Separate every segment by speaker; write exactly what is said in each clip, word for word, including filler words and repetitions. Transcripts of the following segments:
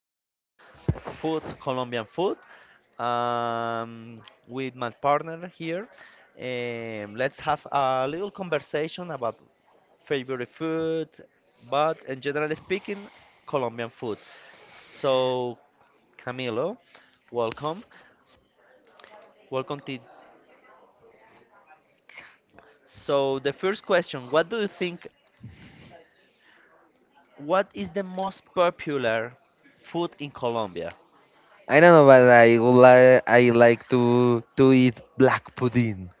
Speaker 1: about food, Colombian food, um, with my partner here. Um, let's have a little conversation about favorite food, but in general speaking, Colombian food. So, Camilo, welcome. Welcome to. So, the first question, what do you think, what is the most popular food in Colombia?
Speaker 2: I don't know, but I would like I like to to eat black pudding.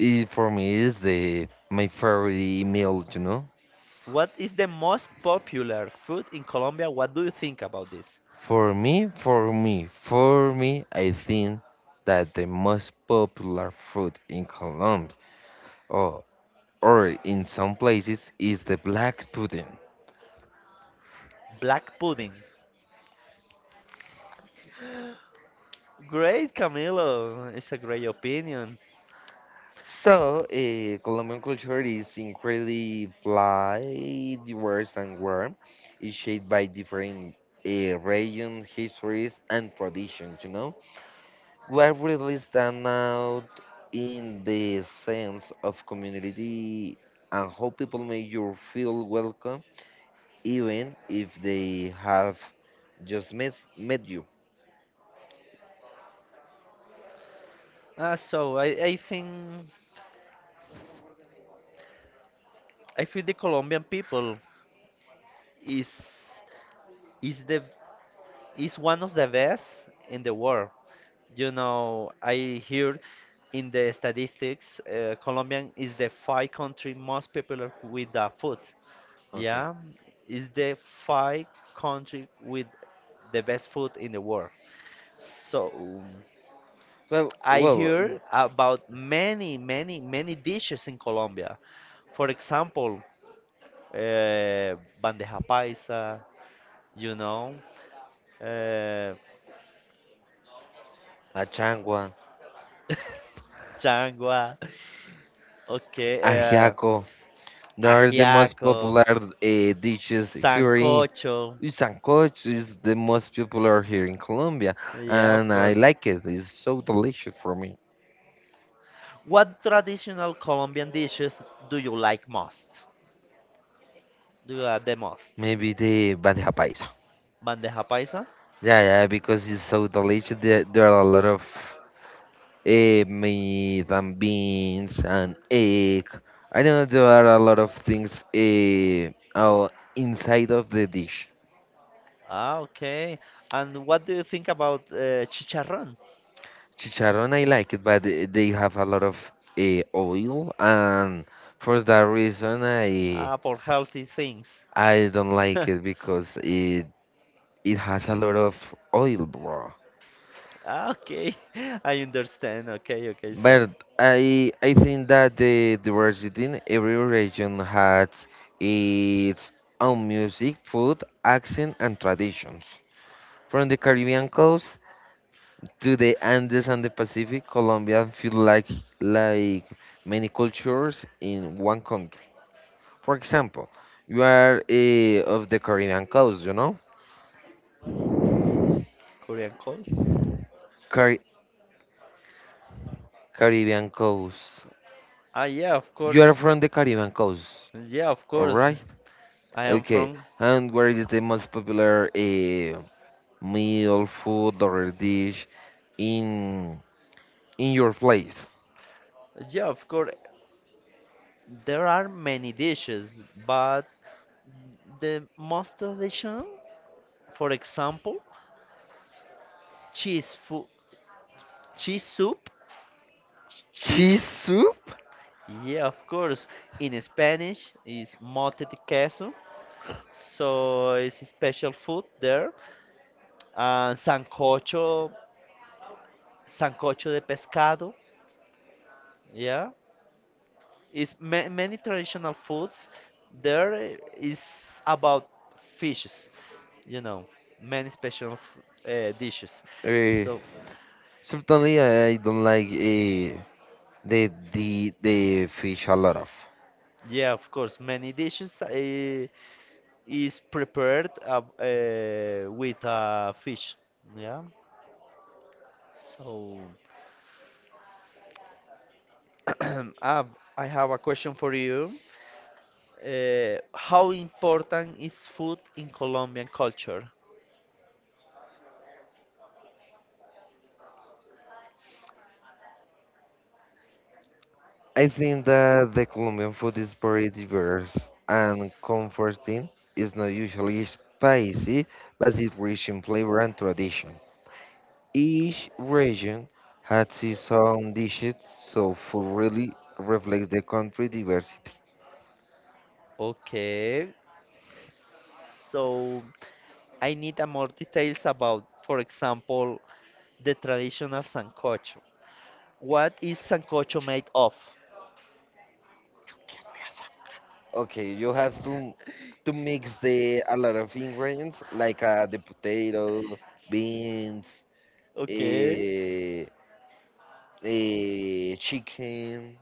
Speaker 2: It for me is the my favorite meal, you know.
Speaker 1: What is the most popular food in Colombia? What do you think about this?
Speaker 2: For me, for me, for me, I think that the most popular food in Colombia or or in some places is the black pudding.
Speaker 1: Black pudding. Great, Camilo. It's a great opinion.
Speaker 2: So, uh, Colombian culture is incredibly wide, diverse, and warm. It's shaped by different uh, regions, histories, and traditions, you know? What really stand out in the sense of community and how people make you feel welcome, even if they have just met, met you.
Speaker 1: Uh, so I, I think I feel the Colombian people is is the is one of the best in the world. You know, I hear in the statistics, uh, Colombian is the five country most popular with the food. Yeah, it's the five country with the best food in the world. So
Speaker 2: Well,
Speaker 1: I hear
Speaker 2: well,
Speaker 1: about many, many, many dishes in Colombia. For example, uh, bandeja paisa, you know, uh,
Speaker 2: Achangua,
Speaker 1: changua, okay, uh,
Speaker 2: Ajiaco. There are the most
Speaker 1: ajiaco,
Speaker 2: popular uh, dishes here in
Speaker 1: sancocho.
Speaker 2: Sancoch is the most popular here in Colombia,
Speaker 1: Yeah, of
Speaker 2: and I
Speaker 1: course.
Speaker 2: like it. It's so delicious for me.
Speaker 1: What traditional Colombian dishes do you like most? Do you like the most?
Speaker 2: Maybe the bandeja paisa.
Speaker 1: Bandeja paisa?
Speaker 2: Yeah, yeah, because it's so delicious. There, there are a lot of eh, meat and beans and egg. I know there are a lot of things eh, out inside of the dish.
Speaker 1: Ah, okay. And what do you think about uh, chicharrón?
Speaker 2: Chicharron, I like it, but th- they have a lot of uh, oil, and for that reason, I
Speaker 1: Ah, for healthy things.
Speaker 2: I don't like it because it it has a lot of oil, bro.
Speaker 1: Ah, okay. I understand. Okay, okay. So,
Speaker 2: But I I think that the diversity in every region has its own music, food, accent, and traditions. From the Caribbean coast to the Andes and the Pacific, Colombia feel like like many cultures in one country. For example, you are eh, of the Caribbean coast, you know?
Speaker 1: Korean calls?
Speaker 2: Car- Caribbean coast.
Speaker 1: Ah, yeah, of
Speaker 2: You are
Speaker 1: course.
Speaker 2: from the Caribbean coast,
Speaker 1: Yeah, of course.
Speaker 2: alright?
Speaker 1: I am
Speaker 2: Okay,
Speaker 1: from.
Speaker 2: and what is the most popular eh, meal, food, or dish in in your place?
Speaker 1: Yeah, of course. There are many dishes, but the most traditional, for example, cheese food, cheese soup,
Speaker 2: Cheese
Speaker 1: cheese.
Speaker 2: soup?
Speaker 1: Yeah, of course. In Spanish is mote de queso, so it's a special food there. Uh, Sancocho, sancocho de pescado. Yeah, it's ma many traditional foods. There i- is about fishes, you know, many special f- uh, dishes.
Speaker 2: Eh,
Speaker 1: So
Speaker 2: certainly, I don't like eh, the, the, the fish a lot of.
Speaker 1: yeah, of course, many dishes uh, is prepared uh, uh, with uh, fish. Yeah, so. Ah, I have a question for you. Uh, how important is food in Colombian culture?
Speaker 2: I think that the Colombian food is very diverse and comforting. It's not usually spicy, but it's rich in flavor and tradition. Each region has its own dishes, so food really reflects the country diversity.
Speaker 1: Okay, so I need a more details about, for example, the traditional sancocho. What is sancocho made of?
Speaker 2: Okay, you have to to mix the a lot of ingredients like uh, the potato, beans,
Speaker 1: Okay,
Speaker 2: eh, eh, chicken,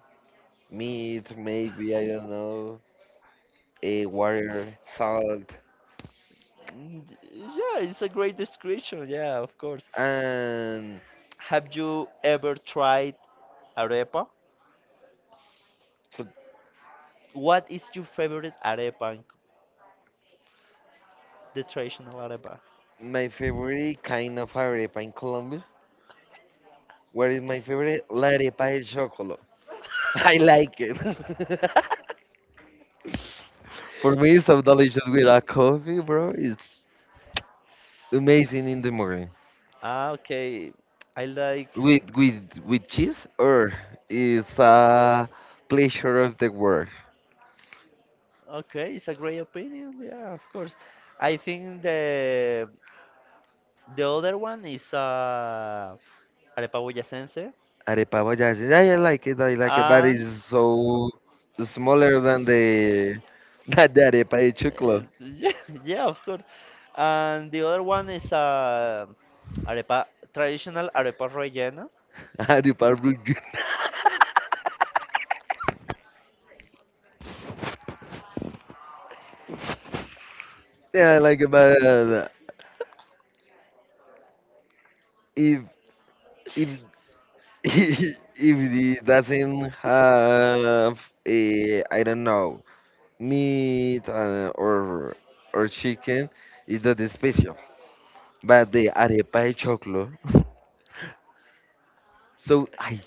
Speaker 2: meat, maybe I don't know. eh, water, salt,
Speaker 1: Mm, d- yeah, it's a great description. Yeah, of course.
Speaker 2: and
Speaker 1: Have you ever tried arepa?
Speaker 2: so
Speaker 1: What is your favorite arepa, in the traditional arepa?
Speaker 2: my favorite kind of arepa in Colombia. What is my favorite? La arepa de chocolate. I like it. For me, it's so delicious with a coffee, bro. It's amazing in the morning.
Speaker 1: Ah, okay. I like.
Speaker 2: With with with cheese, or it's a pleasure of the world.
Speaker 1: Okay, it's a great opinion. Yeah, of course. I think the the other one is uh, arepa boyacense,
Speaker 2: Arepa boyacense. Yeah, I like it. I like it, but
Speaker 1: and
Speaker 2: it's so smaller than the than the arepa de
Speaker 1: uh,
Speaker 2: chocolate.
Speaker 1: yeah, yeah, of course. And the other one is uh, arepa traditional arepa rellena.
Speaker 2: Arepa blue. Yeah, like, but uh, if if if it doesn't have a, I don't know, meat uh, or or chicken, it's not special. But the arepa de choclo, so I,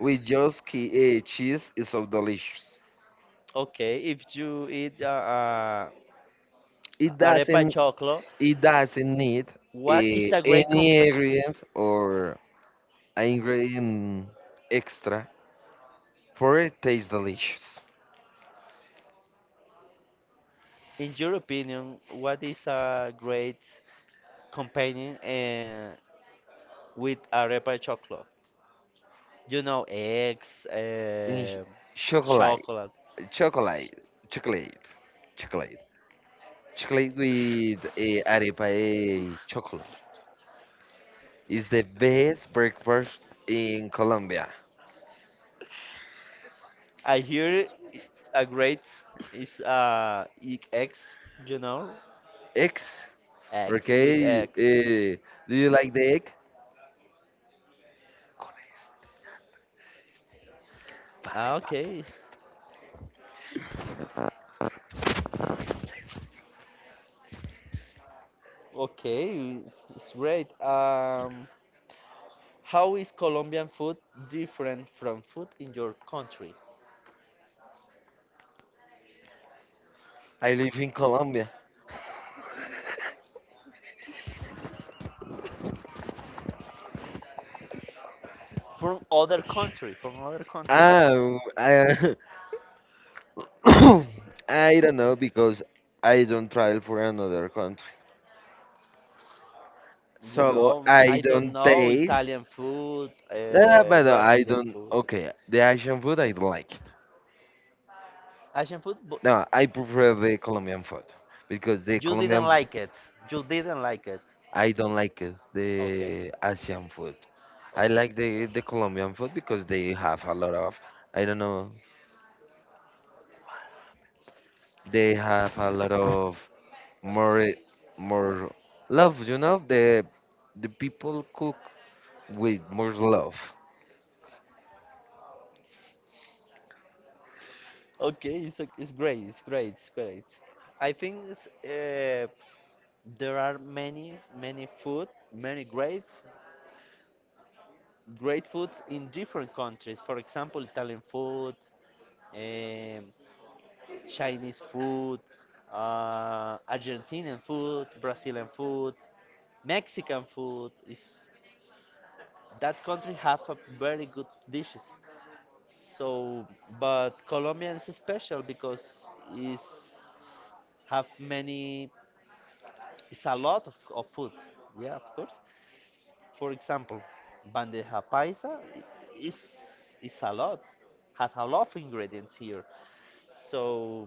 Speaker 2: with just uh, cheese is so delicious.
Speaker 1: Okay, if you eat uh, uh,
Speaker 2: It
Speaker 1: arepa
Speaker 2: doesn't
Speaker 1: choclo,
Speaker 2: it doesn't need
Speaker 1: what is
Speaker 2: eh,
Speaker 1: a great comp?
Speaker 2: any ingredient or ingredient extra for it taste delicious.
Speaker 1: In your opinion, what is a great companion uh, with arepa chocolate. You know, eggs,
Speaker 2: Mm,
Speaker 1: uh,
Speaker 2: chocolate,
Speaker 1: chocolate.
Speaker 2: chocolate, chocolate, chocolate, chocolate with eh, arepa eh, chocolate. It's the best breakfast in Colombia.
Speaker 1: I hear i- a great is uh e- eggs. You know,
Speaker 2: Eggs,
Speaker 1: eggs with
Speaker 2: okay?
Speaker 1: eggs.
Speaker 2: eh, do you like the egg? Con este, vale,
Speaker 1: Ah,
Speaker 2: papo.
Speaker 1: okay, okay, it's it's great. Um, how is Colombian food different from food in your country?
Speaker 2: I live in Colombia.
Speaker 1: From other country, from other country.
Speaker 2: Ah, I, I don't know because I don't travel for another country,
Speaker 1: You
Speaker 2: so
Speaker 1: know, m-
Speaker 2: I
Speaker 1: I don't
Speaker 2: don't
Speaker 1: know
Speaker 2: taste.
Speaker 1: Italian food,
Speaker 2: Yeah,
Speaker 1: uh,
Speaker 2: but uh, I
Speaker 1: Brazilian
Speaker 2: don't.
Speaker 1: food.
Speaker 2: Okay, the Asian food I don't like it.
Speaker 1: Asian food? But
Speaker 2: No, I prefer the Colombian food because the
Speaker 1: you didn't
Speaker 2: Colombian f-
Speaker 1: like it. You didn't like it.
Speaker 2: I don't like it,
Speaker 1: Okay.
Speaker 2: the Asian food. I
Speaker 1: Okay.
Speaker 2: like the the Colombian food because they have a lot of I don't know. They have a lot of more more love. You know the the people cook with more love.
Speaker 1: Okay, it's, o- it's great, it's great, it's great. I think it's, uh, there are many, many food, many great, great food in different countries. For example, Italian food, um, Chinese food, uh, Argentinian food, Brazilian food, Mexican food is that country have a very good dishes. So, but Colombia is special because is have many. It's a lot of, of food. Yeah, of course. For example, bandeja paisa i- is is a lot. Has a lot of ingredients here. So,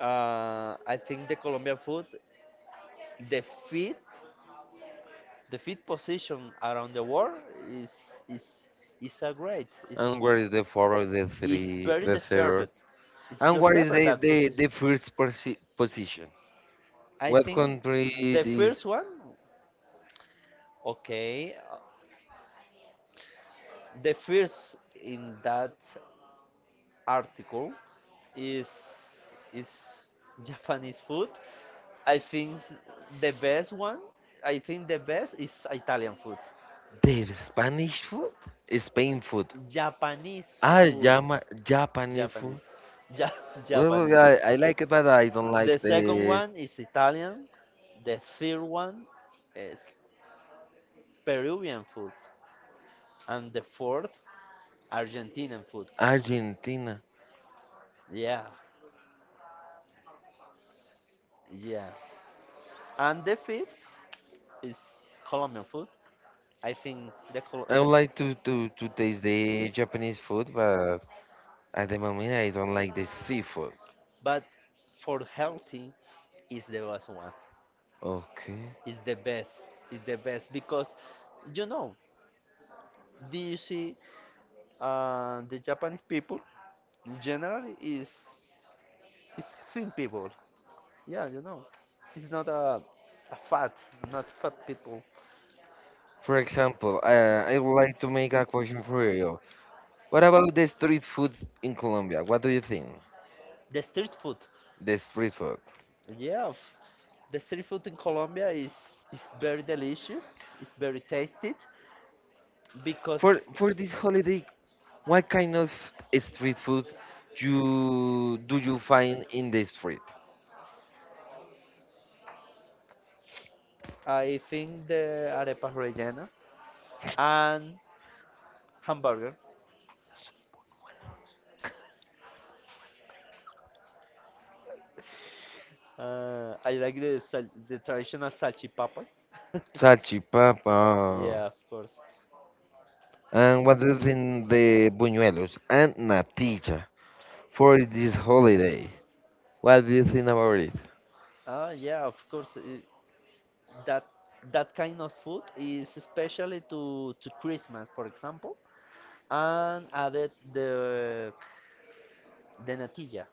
Speaker 1: uh, I think the Colombian food, the fit. The fifth position around the world is is is a great. is
Speaker 2: And where is the four or the
Speaker 1: is
Speaker 2: three,
Speaker 1: very
Speaker 2: the
Speaker 1: deserved.
Speaker 2: third?
Speaker 1: It's
Speaker 2: And where
Speaker 1: just
Speaker 2: is
Speaker 1: deserved
Speaker 2: the,
Speaker 1: that
Speaker 2: the,
Speaker 1: position.
Speaker 2: the first posi- position?
Speaker 1: I
Speaker 2: What
Speaker 1: think
Speaker 2: country
Speaker 1: the
Speaker 2: it is
Speaker 1: first one, okay, uh, the first in that article is is Japanese food. I think s- the best one, I think the best is Italian food.
Speaker 2: the Spanish food? Spain food.
Speaker 1: Japanese
Speaker 2: Ah,
Speaker 1: food.
Speaker 2: Jama, Japanese food.
Speaker 1: Japanese. Ja
Speaker 2: Well,
Speaker 1: Japanese.
Speaker 2: I, I like it, but I don't
Speaker 1: The
Speaker 2: like
Speaker 1: second
Speaker 2: the
Speaker 1: one is Italian. The third one is Peruvian food. And the fourth, Argentinian food.
Speaker 2: Argentina.
Speaker 1: Yeah, yeah. And the fifth is Colombian food. I think the, Col-
Speaker 2: I
Speaker 1: the
Speaker 2: would like to, to, to taste the Japanese food, but at the moment I don't like the seafood.
Speaker 1: but for healthy is the best one.
Speaker 2: Okay.
Speaker 1: Is the best. Is the best because you know, do you see uh, the Japanese people? In general, is is thin people. Yeah, you know, it's not a, a fat, not fat people.
Speaker 2: For example, uh, I would like to make a question for you. What about the street food in Colombia? What do you think?
Speaker 1: The street food.
Speaker 2: The street food.
Speaker 1: Yeah, f- the street food in Colombia is is very delicious. It's very tasty because
Speaker 2: For for this holiday, what kind of street food you do you find in the street?
Speaker 1: I think the arepa rellena and hamburger. Uh, I like the sal- the traditional salchipapas.
Speaker 2: Salchipapa.
Speaker 1: Yeah, of course.
Speaker 2: And what do you think the buñuelos and natilla for this holiday? What do you think about it?
Speaker 1: Ah, yeah, of course. that that kind of food is especially to to Christmas, for example, and added the the natilla,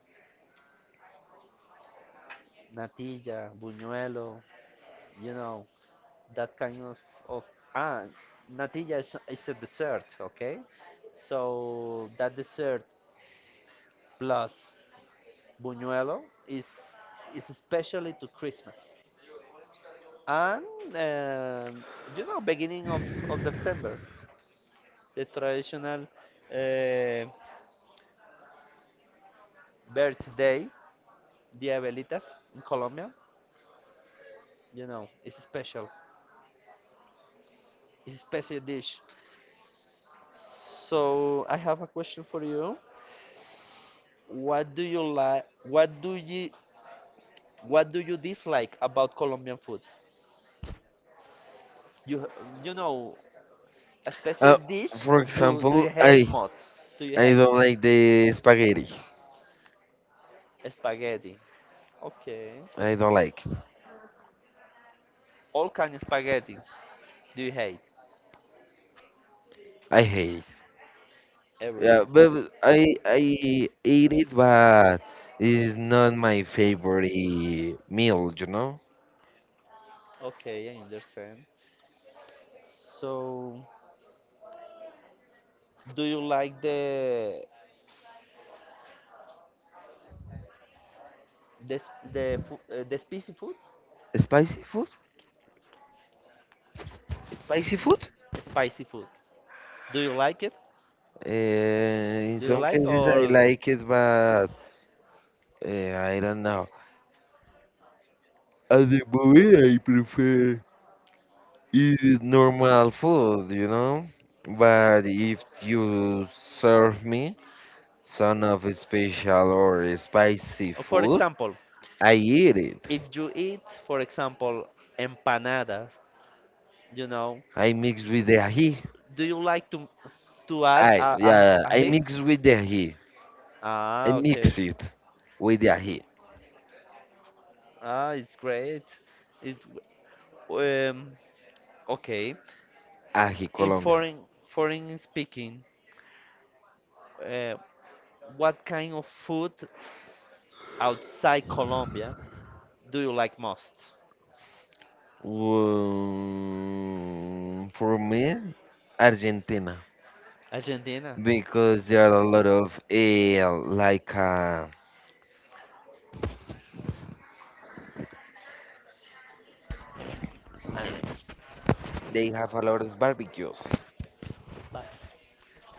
Speaker 1: natilla, buñuelo, you know, that kind of of ah, natilla is is a dessert, okay? So that dessert plus buñuelo is is especially to Christmas. And um you know, beginning of, of December, the traditional uh, birthday, the abuelitas in Colombia. You know, it's special. It's a special dish. So I have a question for you. What do you like? What do you What do you dislike about Colombian food? You you know a special
Speaker 2: Uh,
Speaker 1: dish.
Speaker 2: for
Speaker 1: You do you
Speaker 2: example, I
Speaker 1: hate mods? Do you
Speaker 2: I
Speaker 1: hate
Speaker 2: don't like the spaghetti.
Speaker 1: spaghetti? Okay.
Speaker 2: I don't like.
Speaker 1: All kind of spaghetti. Do you hate
Speaker 2: I hate it. Yeah,
Speaker 1: everything?
Speaker 2: but I I eat it, but it's not my favorite meal. You know,
Speaker 1: Okay, I understand. So, do you like the The s- the fu- uh, the spicy food,
Speaker 2: spicy food. Spicy food.
Speaker 1: spicy food. Do you like it?
Speaker 2: Uh, in
Speaker 1: Do you
Speaker 2: some
Speaker 1: like
Speaker 2: cases I
Speaker 1: or
Speaker 2: like it, but uh, I don't know. At the moment, I prefer It's normal food, you know? But if you serve me some of special or spicy
Speaker 1: or for
Speaker 2: food,
Speaker 1: example,
Speaker 2: I eat it.
Speaker 1: if you eat, for example, empanadas, you know,
Speaker 2: I mix with the ají.
Speaker 1: do you like to to add
Speaker 2: I yeah,
Speaker 1: a a,
Speaker 2: yeah, yeah.
Speaker 1: a
Speaker 2: I
Speaker 1: head?
Speaker 2: mix with the ají. I
Speaker 1: Ah, okay.
Speaker 2: mix it with the ají.
Speaker 1: Ah, it's great. It w- um okay.
Speaker 2: Ají
Speaker 1: In
Speaker 2: Colombia.
Speaker 1: foreign foreign speaking, uh, what kind of food outside Colombia do you like most?
Speaker 2: Um, for me, Argentina.
Speaker 1: Argentina.
Speaker 2: Because there are a lot of eh, like uh, they have a lot of barbecues.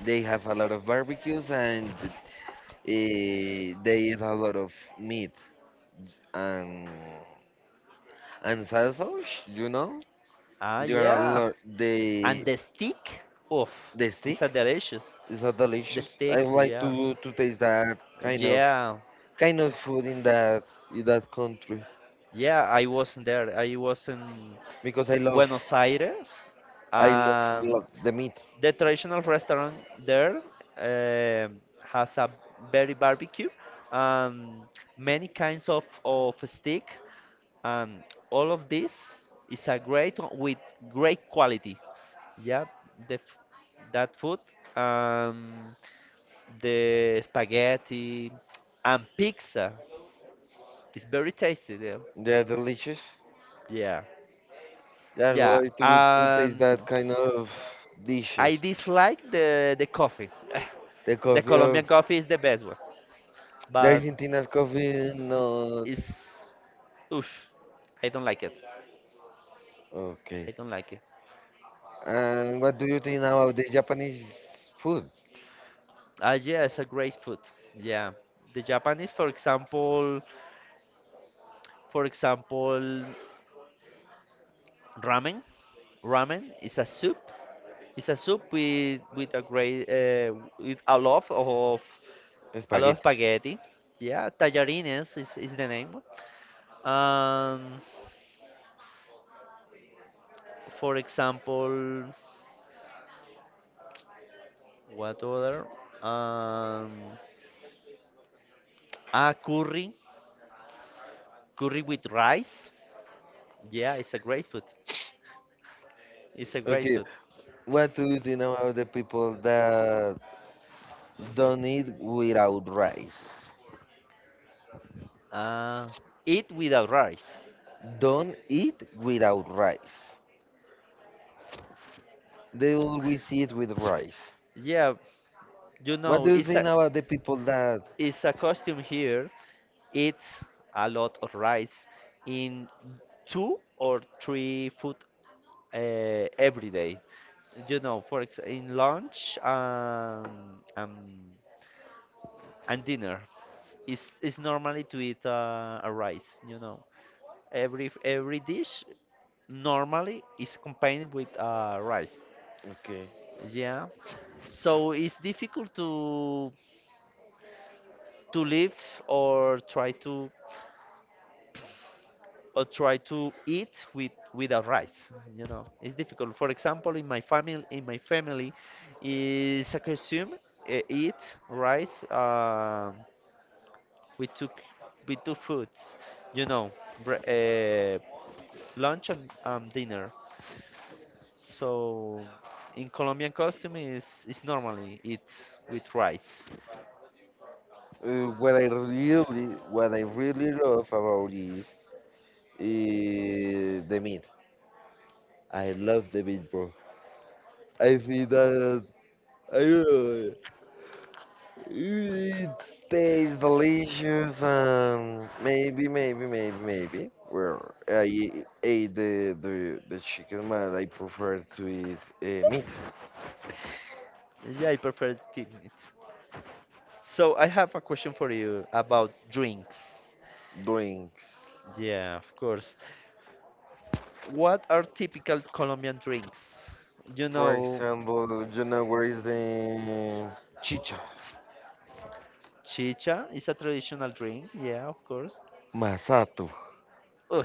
Speaker 2: They have a lot of barbecues and uh, they eat a lot of meat and and sausage. You know,
Speaker 1: Ah,
Speaker 2: you are a
Speaker 1: yeah.
Speaker 2: lot.
Speaker 1: And
Speaker 2: They
Speaker 1: the steak, oof,
Speaker 2: they
Speaker 1: it's
Speaker 2: stick.
Speaker 1: a delicious.
Speaker 2: Is that
Speaker 1: The
Speaker 2: delicious? I
Speaker 1: steak,
Speaker 2: like
Speaker 1: yeah,
Speaker 2: to to taste that kind of
Speaker 1: yeah,
Speaker 2: kind of food in that in that country
Speaker 1: yeah. I wasn't there. I was in
Speaker 2: because I love
Speaker 1: Buenos Aires,
Speaker 2: I love a
Speaker 1: and
Speaker 2: lot the meat.
Speaker 1: the traditional restaurant there um has a very barbecue, um, many kinds of, of steak, and all of this is a great o- with great quality. Yeah, the, f- that food, um, the spaghetti and pizza is very tasty there.
Speaker 2: They are delicious.
Speaker 1: Yeah,
Speaker 2: Yeah, I would
Speaker 1: yeah.
Speaker 2: like to to taste that
Speaker 1: Um,
Speaker 2: kind of dishes.
Speaker 1: I dislike the the coffee.
Speaker 2: The
Speaker 1: The
Speaker 2: coffee of
Speaker 1: Colombian coffee is the best one,
Speaker 2: the
Speaker 1: but
Speaker 2: Argentina's coffee, not.
Speaker 1: it's oof. I don't like it. I
Speaker 2: Okay.
Speaker 1: don't like it.
Speaker 2: And what do you think about the Japanese food?
Speaker 1: Ah, yeah, it's a great food. Yeah, the Japanese, for example, for example, ramen. Ramen is a soup. It's a soup with with a great uh, with a lot of a lot of
Speaker 2: Spaghetti.
Speaker 1: spaghetti. Yeah, tallarines is, is the name. Um, For example, what other? Um, ah, curry, curry with rice. Yeah, it's a great food. It's a great
Speaker 2: Okay.
Speaker 1: food.
Speaker 2: What do you think about the people that don't eat without rice?
Speaker 1: Uh, Eat without rice.
Speaker 2: Don't eat without rice. They always eat with rice.
Speaker 1: Yeah, you
Speaker 2: What
Speaker 1: know,
Speaker 2: do you
Speaker 1: it's
Speaker 2: think
Speaker 1: a
Speaker 2: about the people that?
Speaker 1: it's a costume here. Eat a lot of rice in two or three food uh, every day. You know, for ex In lunch um, um, and dinner. It's it's normally to eat uh, a rice, you know. Every every dish normally is accompanied with uh, rice.
Speaker 2: Okay.
Speaker 1: Yeah. So it's difficult to to live or try to or try to eat with without rice. You know, it's difficult. For example, in my family, in my family, is a consume uh, eat rice uh, with two c- with two foods. You know, bre- uh, Lunch and um, dinner. So in Colombian costume is is normally eat with rice.
Speaker 2: Uh, what I really, what I really love about is uh, the meat. I love the meat, bro. I think that I don't know. It tastes delicious. Um, maybe, maybe, maybe, maybe. Well, I e- ate the the, the chicken, but I prefer to eat uh, meat
Speaker 1: Yeah, I prefer it eating it. So I have a question for you about drinks.
Speaker 2: drinks.
Speaker 1: Yeah, of course. What are typical Colombian drinks? You
Speaker 2: For
Speaker 1: know,
Speaker 2: example, you know where is the chicha
Speaker 1: Chicha is a traditional drink. Yeah, of course.
Speaker 2: masato?
Speaker 1: Oh,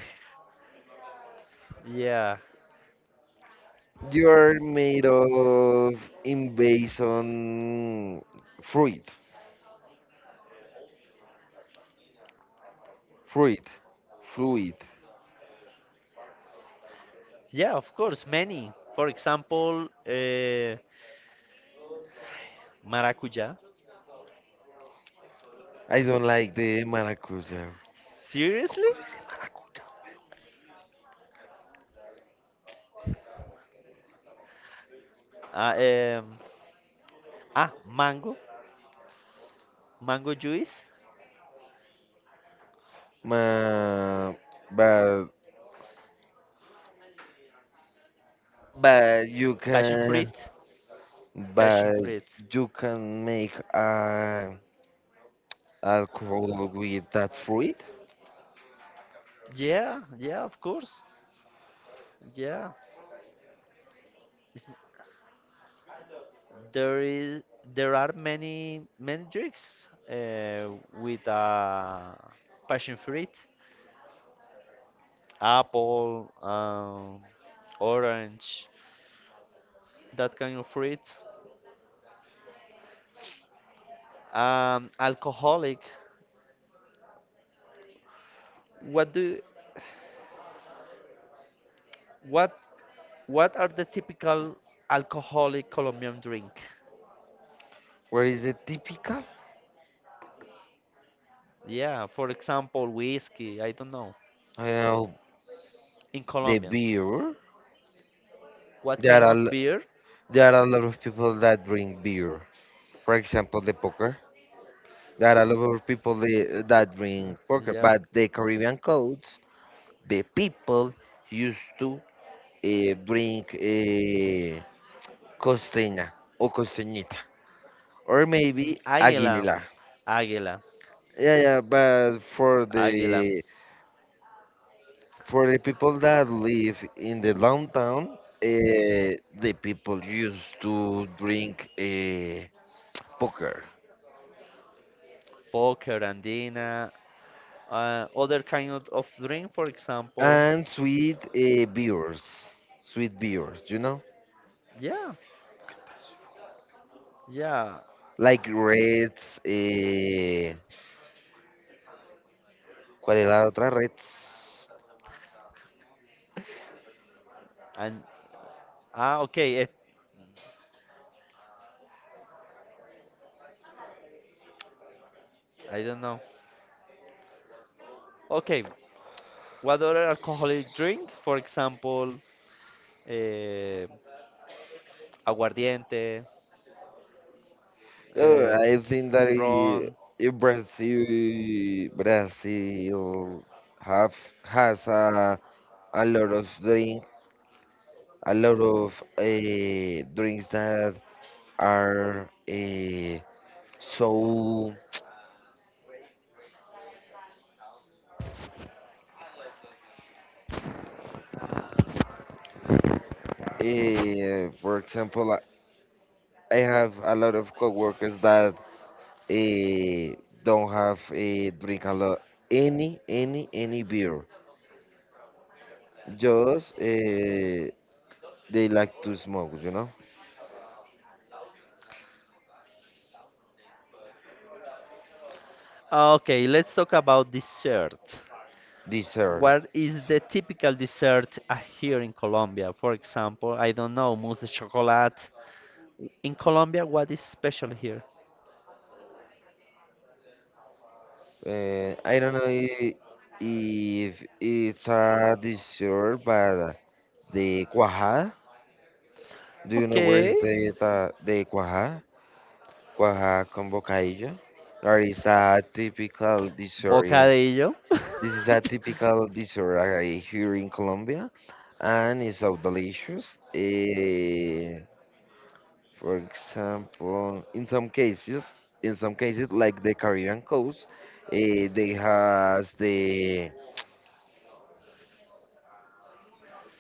Speaker 1: yeah.
Speaker 2: You're made of in based on fruit, fruit, fruit.
Speaker 1: Yeah, of course, many. For example, uh, maracuja.
Speaker 2: I don't like the maracuja.
Speaker 1: Seriously? Ah, um, ah, mango, mango juice,
Speaker 2: Ma, but but you
Speaker 1: passion
Speaker 2: can
Speaker 1: fruit, passion
Speaker 2: but
Speaker 1: fruit.
Speaker 2: you can make uh, alcohol with that fruit.
Speaker 1: Yeah, yeah, of course. Yeah, it's, there is there are many many drinks uh, with uh, passion fruit, apple, um, orange, that kind of fruit. Um, alcoholic. What do what What are the typical alcoholic Colombian drink?
Speaker 2: Where is it typical?
Speaker 1: Yeah, for example, whiskey, I don't know.
Speaker 2: I know
Speaker 1: In
Speaker 2: the
Speaker 1: Colombia,
Speaker 2: beer.
Speaker 1: what
Speaker 2: There
Speaker 1: kind
Speaker 2: are
Speaker 1: of
Speaker 2: l-
Speaker 1: beer?
Speaker 2: there are a lot of people that drink beer. For example, the poker. There are a lot of people the- that
Speaker 1: Uh,
Speaker 2: drink poker.
Speaker 1: Yeah.
Speaker 2: But the Caribbean codes, the people used to uh, drink uh, costeña or costeñita, or
Speaker 1: Mm,
Speaker 2: maybe
Speaker 1: Águila,
Speaker 2: Aguila.
Speaker 1: Águila,
Speaker 2: Yeah, yeah, but for
Speaker 1: Águila,
Speaker 2: the for the people that live in the downtown, uh, the people used to drink uh, poker
Speaker 1: Poker, Andina, uh, other kind of, of drink, for example.
Speaker 2: and sweet uh, beers, sweet beers, you know,
Speaker 1: Yeah, yeah.
Speaker 2: like Reds. Uh, ¿Cuál es la otra? Reds.
Speaker 1: And ah, okay, it, I don't know. Okay, what other alcoholic drink? For example, eh, aguardiente,
Speaker 2: Oh,
Speaker 1: eh,
Speaker 2: I think that I-
Speaker 1: ron.
Speaker 2: I- Brazil Brazil have has a a lot of drink, a lot of uh, drinks that are uh, so. Uh, for example, I I have a lot of coworkers that uh, don't have a drink a lot any any any beer. Just uh, they like to smoke, you know,
Speaker 1: Ah, okay, let's talk about dessert. What is
Speaker 2: desserts.
Speaker 1: the typical dessert uh, here in Colombia? For example, I don't know, mousse de chocolate. In Colombia, what is special here?
Speaker 2: Uh, I don't know i- if it's a dessert, but the cuajada. Do you know where
Speaker 1: Okay,
Speaker 2: is the the, the cuajá? Cuajá con bocadillo? Or is a typical dessert.
Speaker 1: bocadillo.
Speaker 2: This is a typical dessert uh, here in Colombia, and it's so delicious. Eh, for example, in some cases, in some cases, like the Caribbean coast, eh, they has the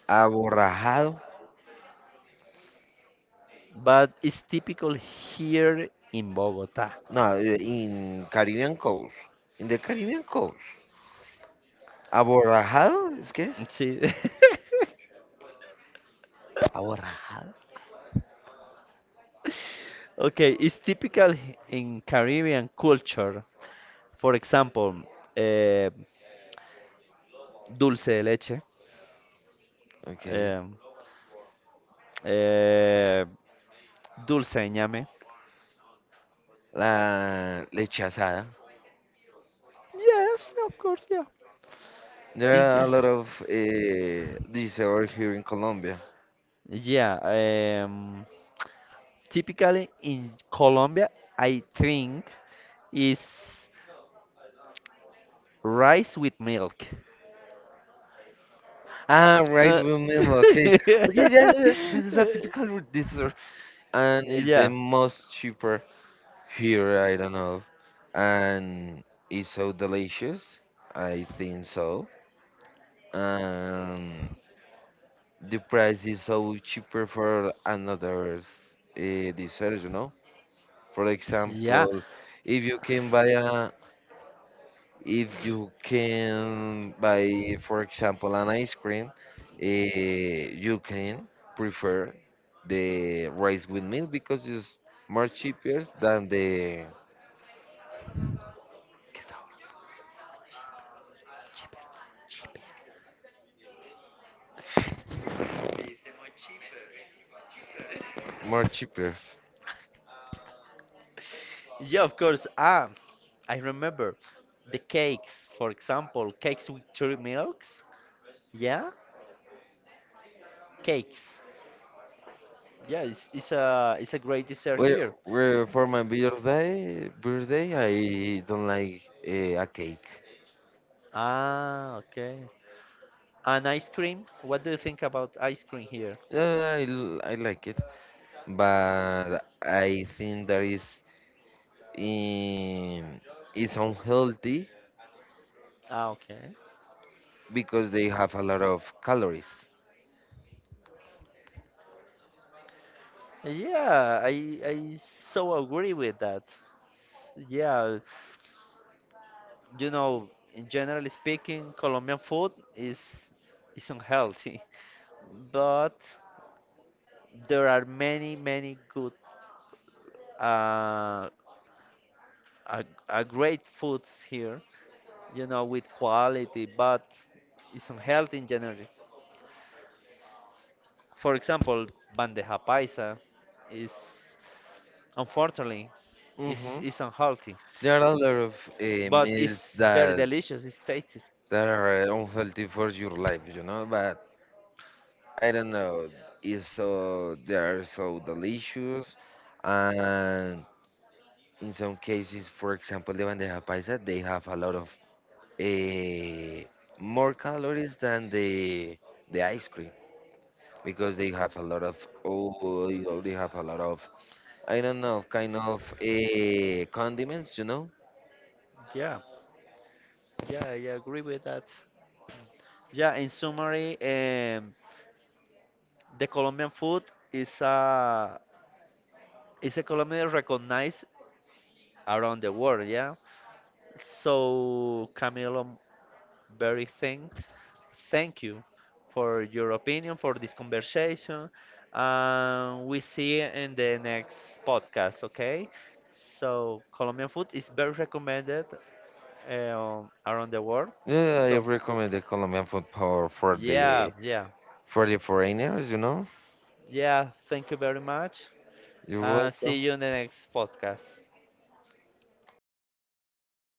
Speaker 2: aborrajado.
Speaker 1: But it's typical here in Bogota.
Speaker 2: No, eh, in Caribbean coast, in the Caribbean coast, aborrajado, ¿es qué es?
Speaker 1: Sí.
Speaker 2: Aborrajado.
Speaker 1: Okay, it's typical h- in Caribbean culture. For example, eh, dulce de leche,
Speaker 2: Okay.
Speaker 1: um, eh, dulce de ñame.
Speaker 2: La leche asada.
Speaker 1: Yes, of course, yeah.
Speaker 2: There
Speaker 1: It's
Speaker 2: are
Speaker 1: the-
Speaker 2: a lot of uh, these over here in Colombia.
Speaker 1: yeah, um, typically in Colombia, I think is rice with milk.
Speaker 2: Ah, rice
Speaker 1: Uh,
Speaker 2: with meal. Okay, okay. Yeah, yeah, yeah, this is a typical r- dessert, and it's the
Speaker 1: yeah,
Speaker 2: most cheaper here. I don't know, and it's so delicious. I think so. Um, the price is so cheaper for another uh, dessert. You know, for
Speaker 1: yeah,
Speaker 2: example, if you can buy a if you can buy, for example, an ice cream, eh, you can prefer the rice with milk because it's more cheaper than the more cheaper.
Speaker 1: yeah. Of course. Ah, I remember the cakes. For example, cakes with cherry milks. Yeah, cakes. Yeah, it's, it's a it's a great dessert
Speaker 2: Well,
Speaker 1: here.
Speaker 2: well, for my birthday, birthday, I don't like uh, a cake.
Speaker 1: Ah, okay. And ice cream. What do you think about ice cream here?
Speaker 2: Yeah, I, l- I like it, but I think that is in is unhealthy
Speaker 1: Ah, okay.
Speaker 2: because they have a lot of calories.
Speaker 1: Yeah, I I so agree with that. S- Yeah. you know, in generally speaking, Colombian food is is unhealthy, but there are many many good uh, uh, uh great foods here, you know, with quality, but it's unhealthy in general. For example, bandeja paisa is unfortunately is
Speaker 2: Hmm,
Speaker 1: is unhealthy,
Speaker 2: there are a lot of uh,
Speaker 1: but
Speaker 2: meals
Speaker 1: it's very
Speaker 2: that
Speaker 1: delicious. It's tasty.
Speaker 2: that are unhealthy for your life, you know. But I don't know. It's so they are so delicious, and in some cases, for example, the bandeja paisa, they have a lot of uh, more calories than the the ice cream because they have a lot of oil, they have a lot of I don't know, kind of eh, condiments, you know?
Speaker 1: Yeah, yeah, I agree with that. Yeah, in summary, um, the Colombian food is a is a Colombian recognized around the world. Yeah. So Camilo, very thanks, thank you for your opinion for this conversation. Um, we see you in the next podcast. Okay. So Colombian food is very recommended um, around the world.
Speaker 2: Yeah, I
Speaker 1: So
Speaker 2: recommend the Colombian food for for
Speaker 1: yeah,
Speaker 2: the
Speaker 1: yeah,
Speaker 2: for the foreigners, you know.
Speaker 1: yeah. Thank you very much.
Speaker 2: You're
Speaker 1: And see
Speaker 2: welcome.
Speaker 1: you in the next podcast.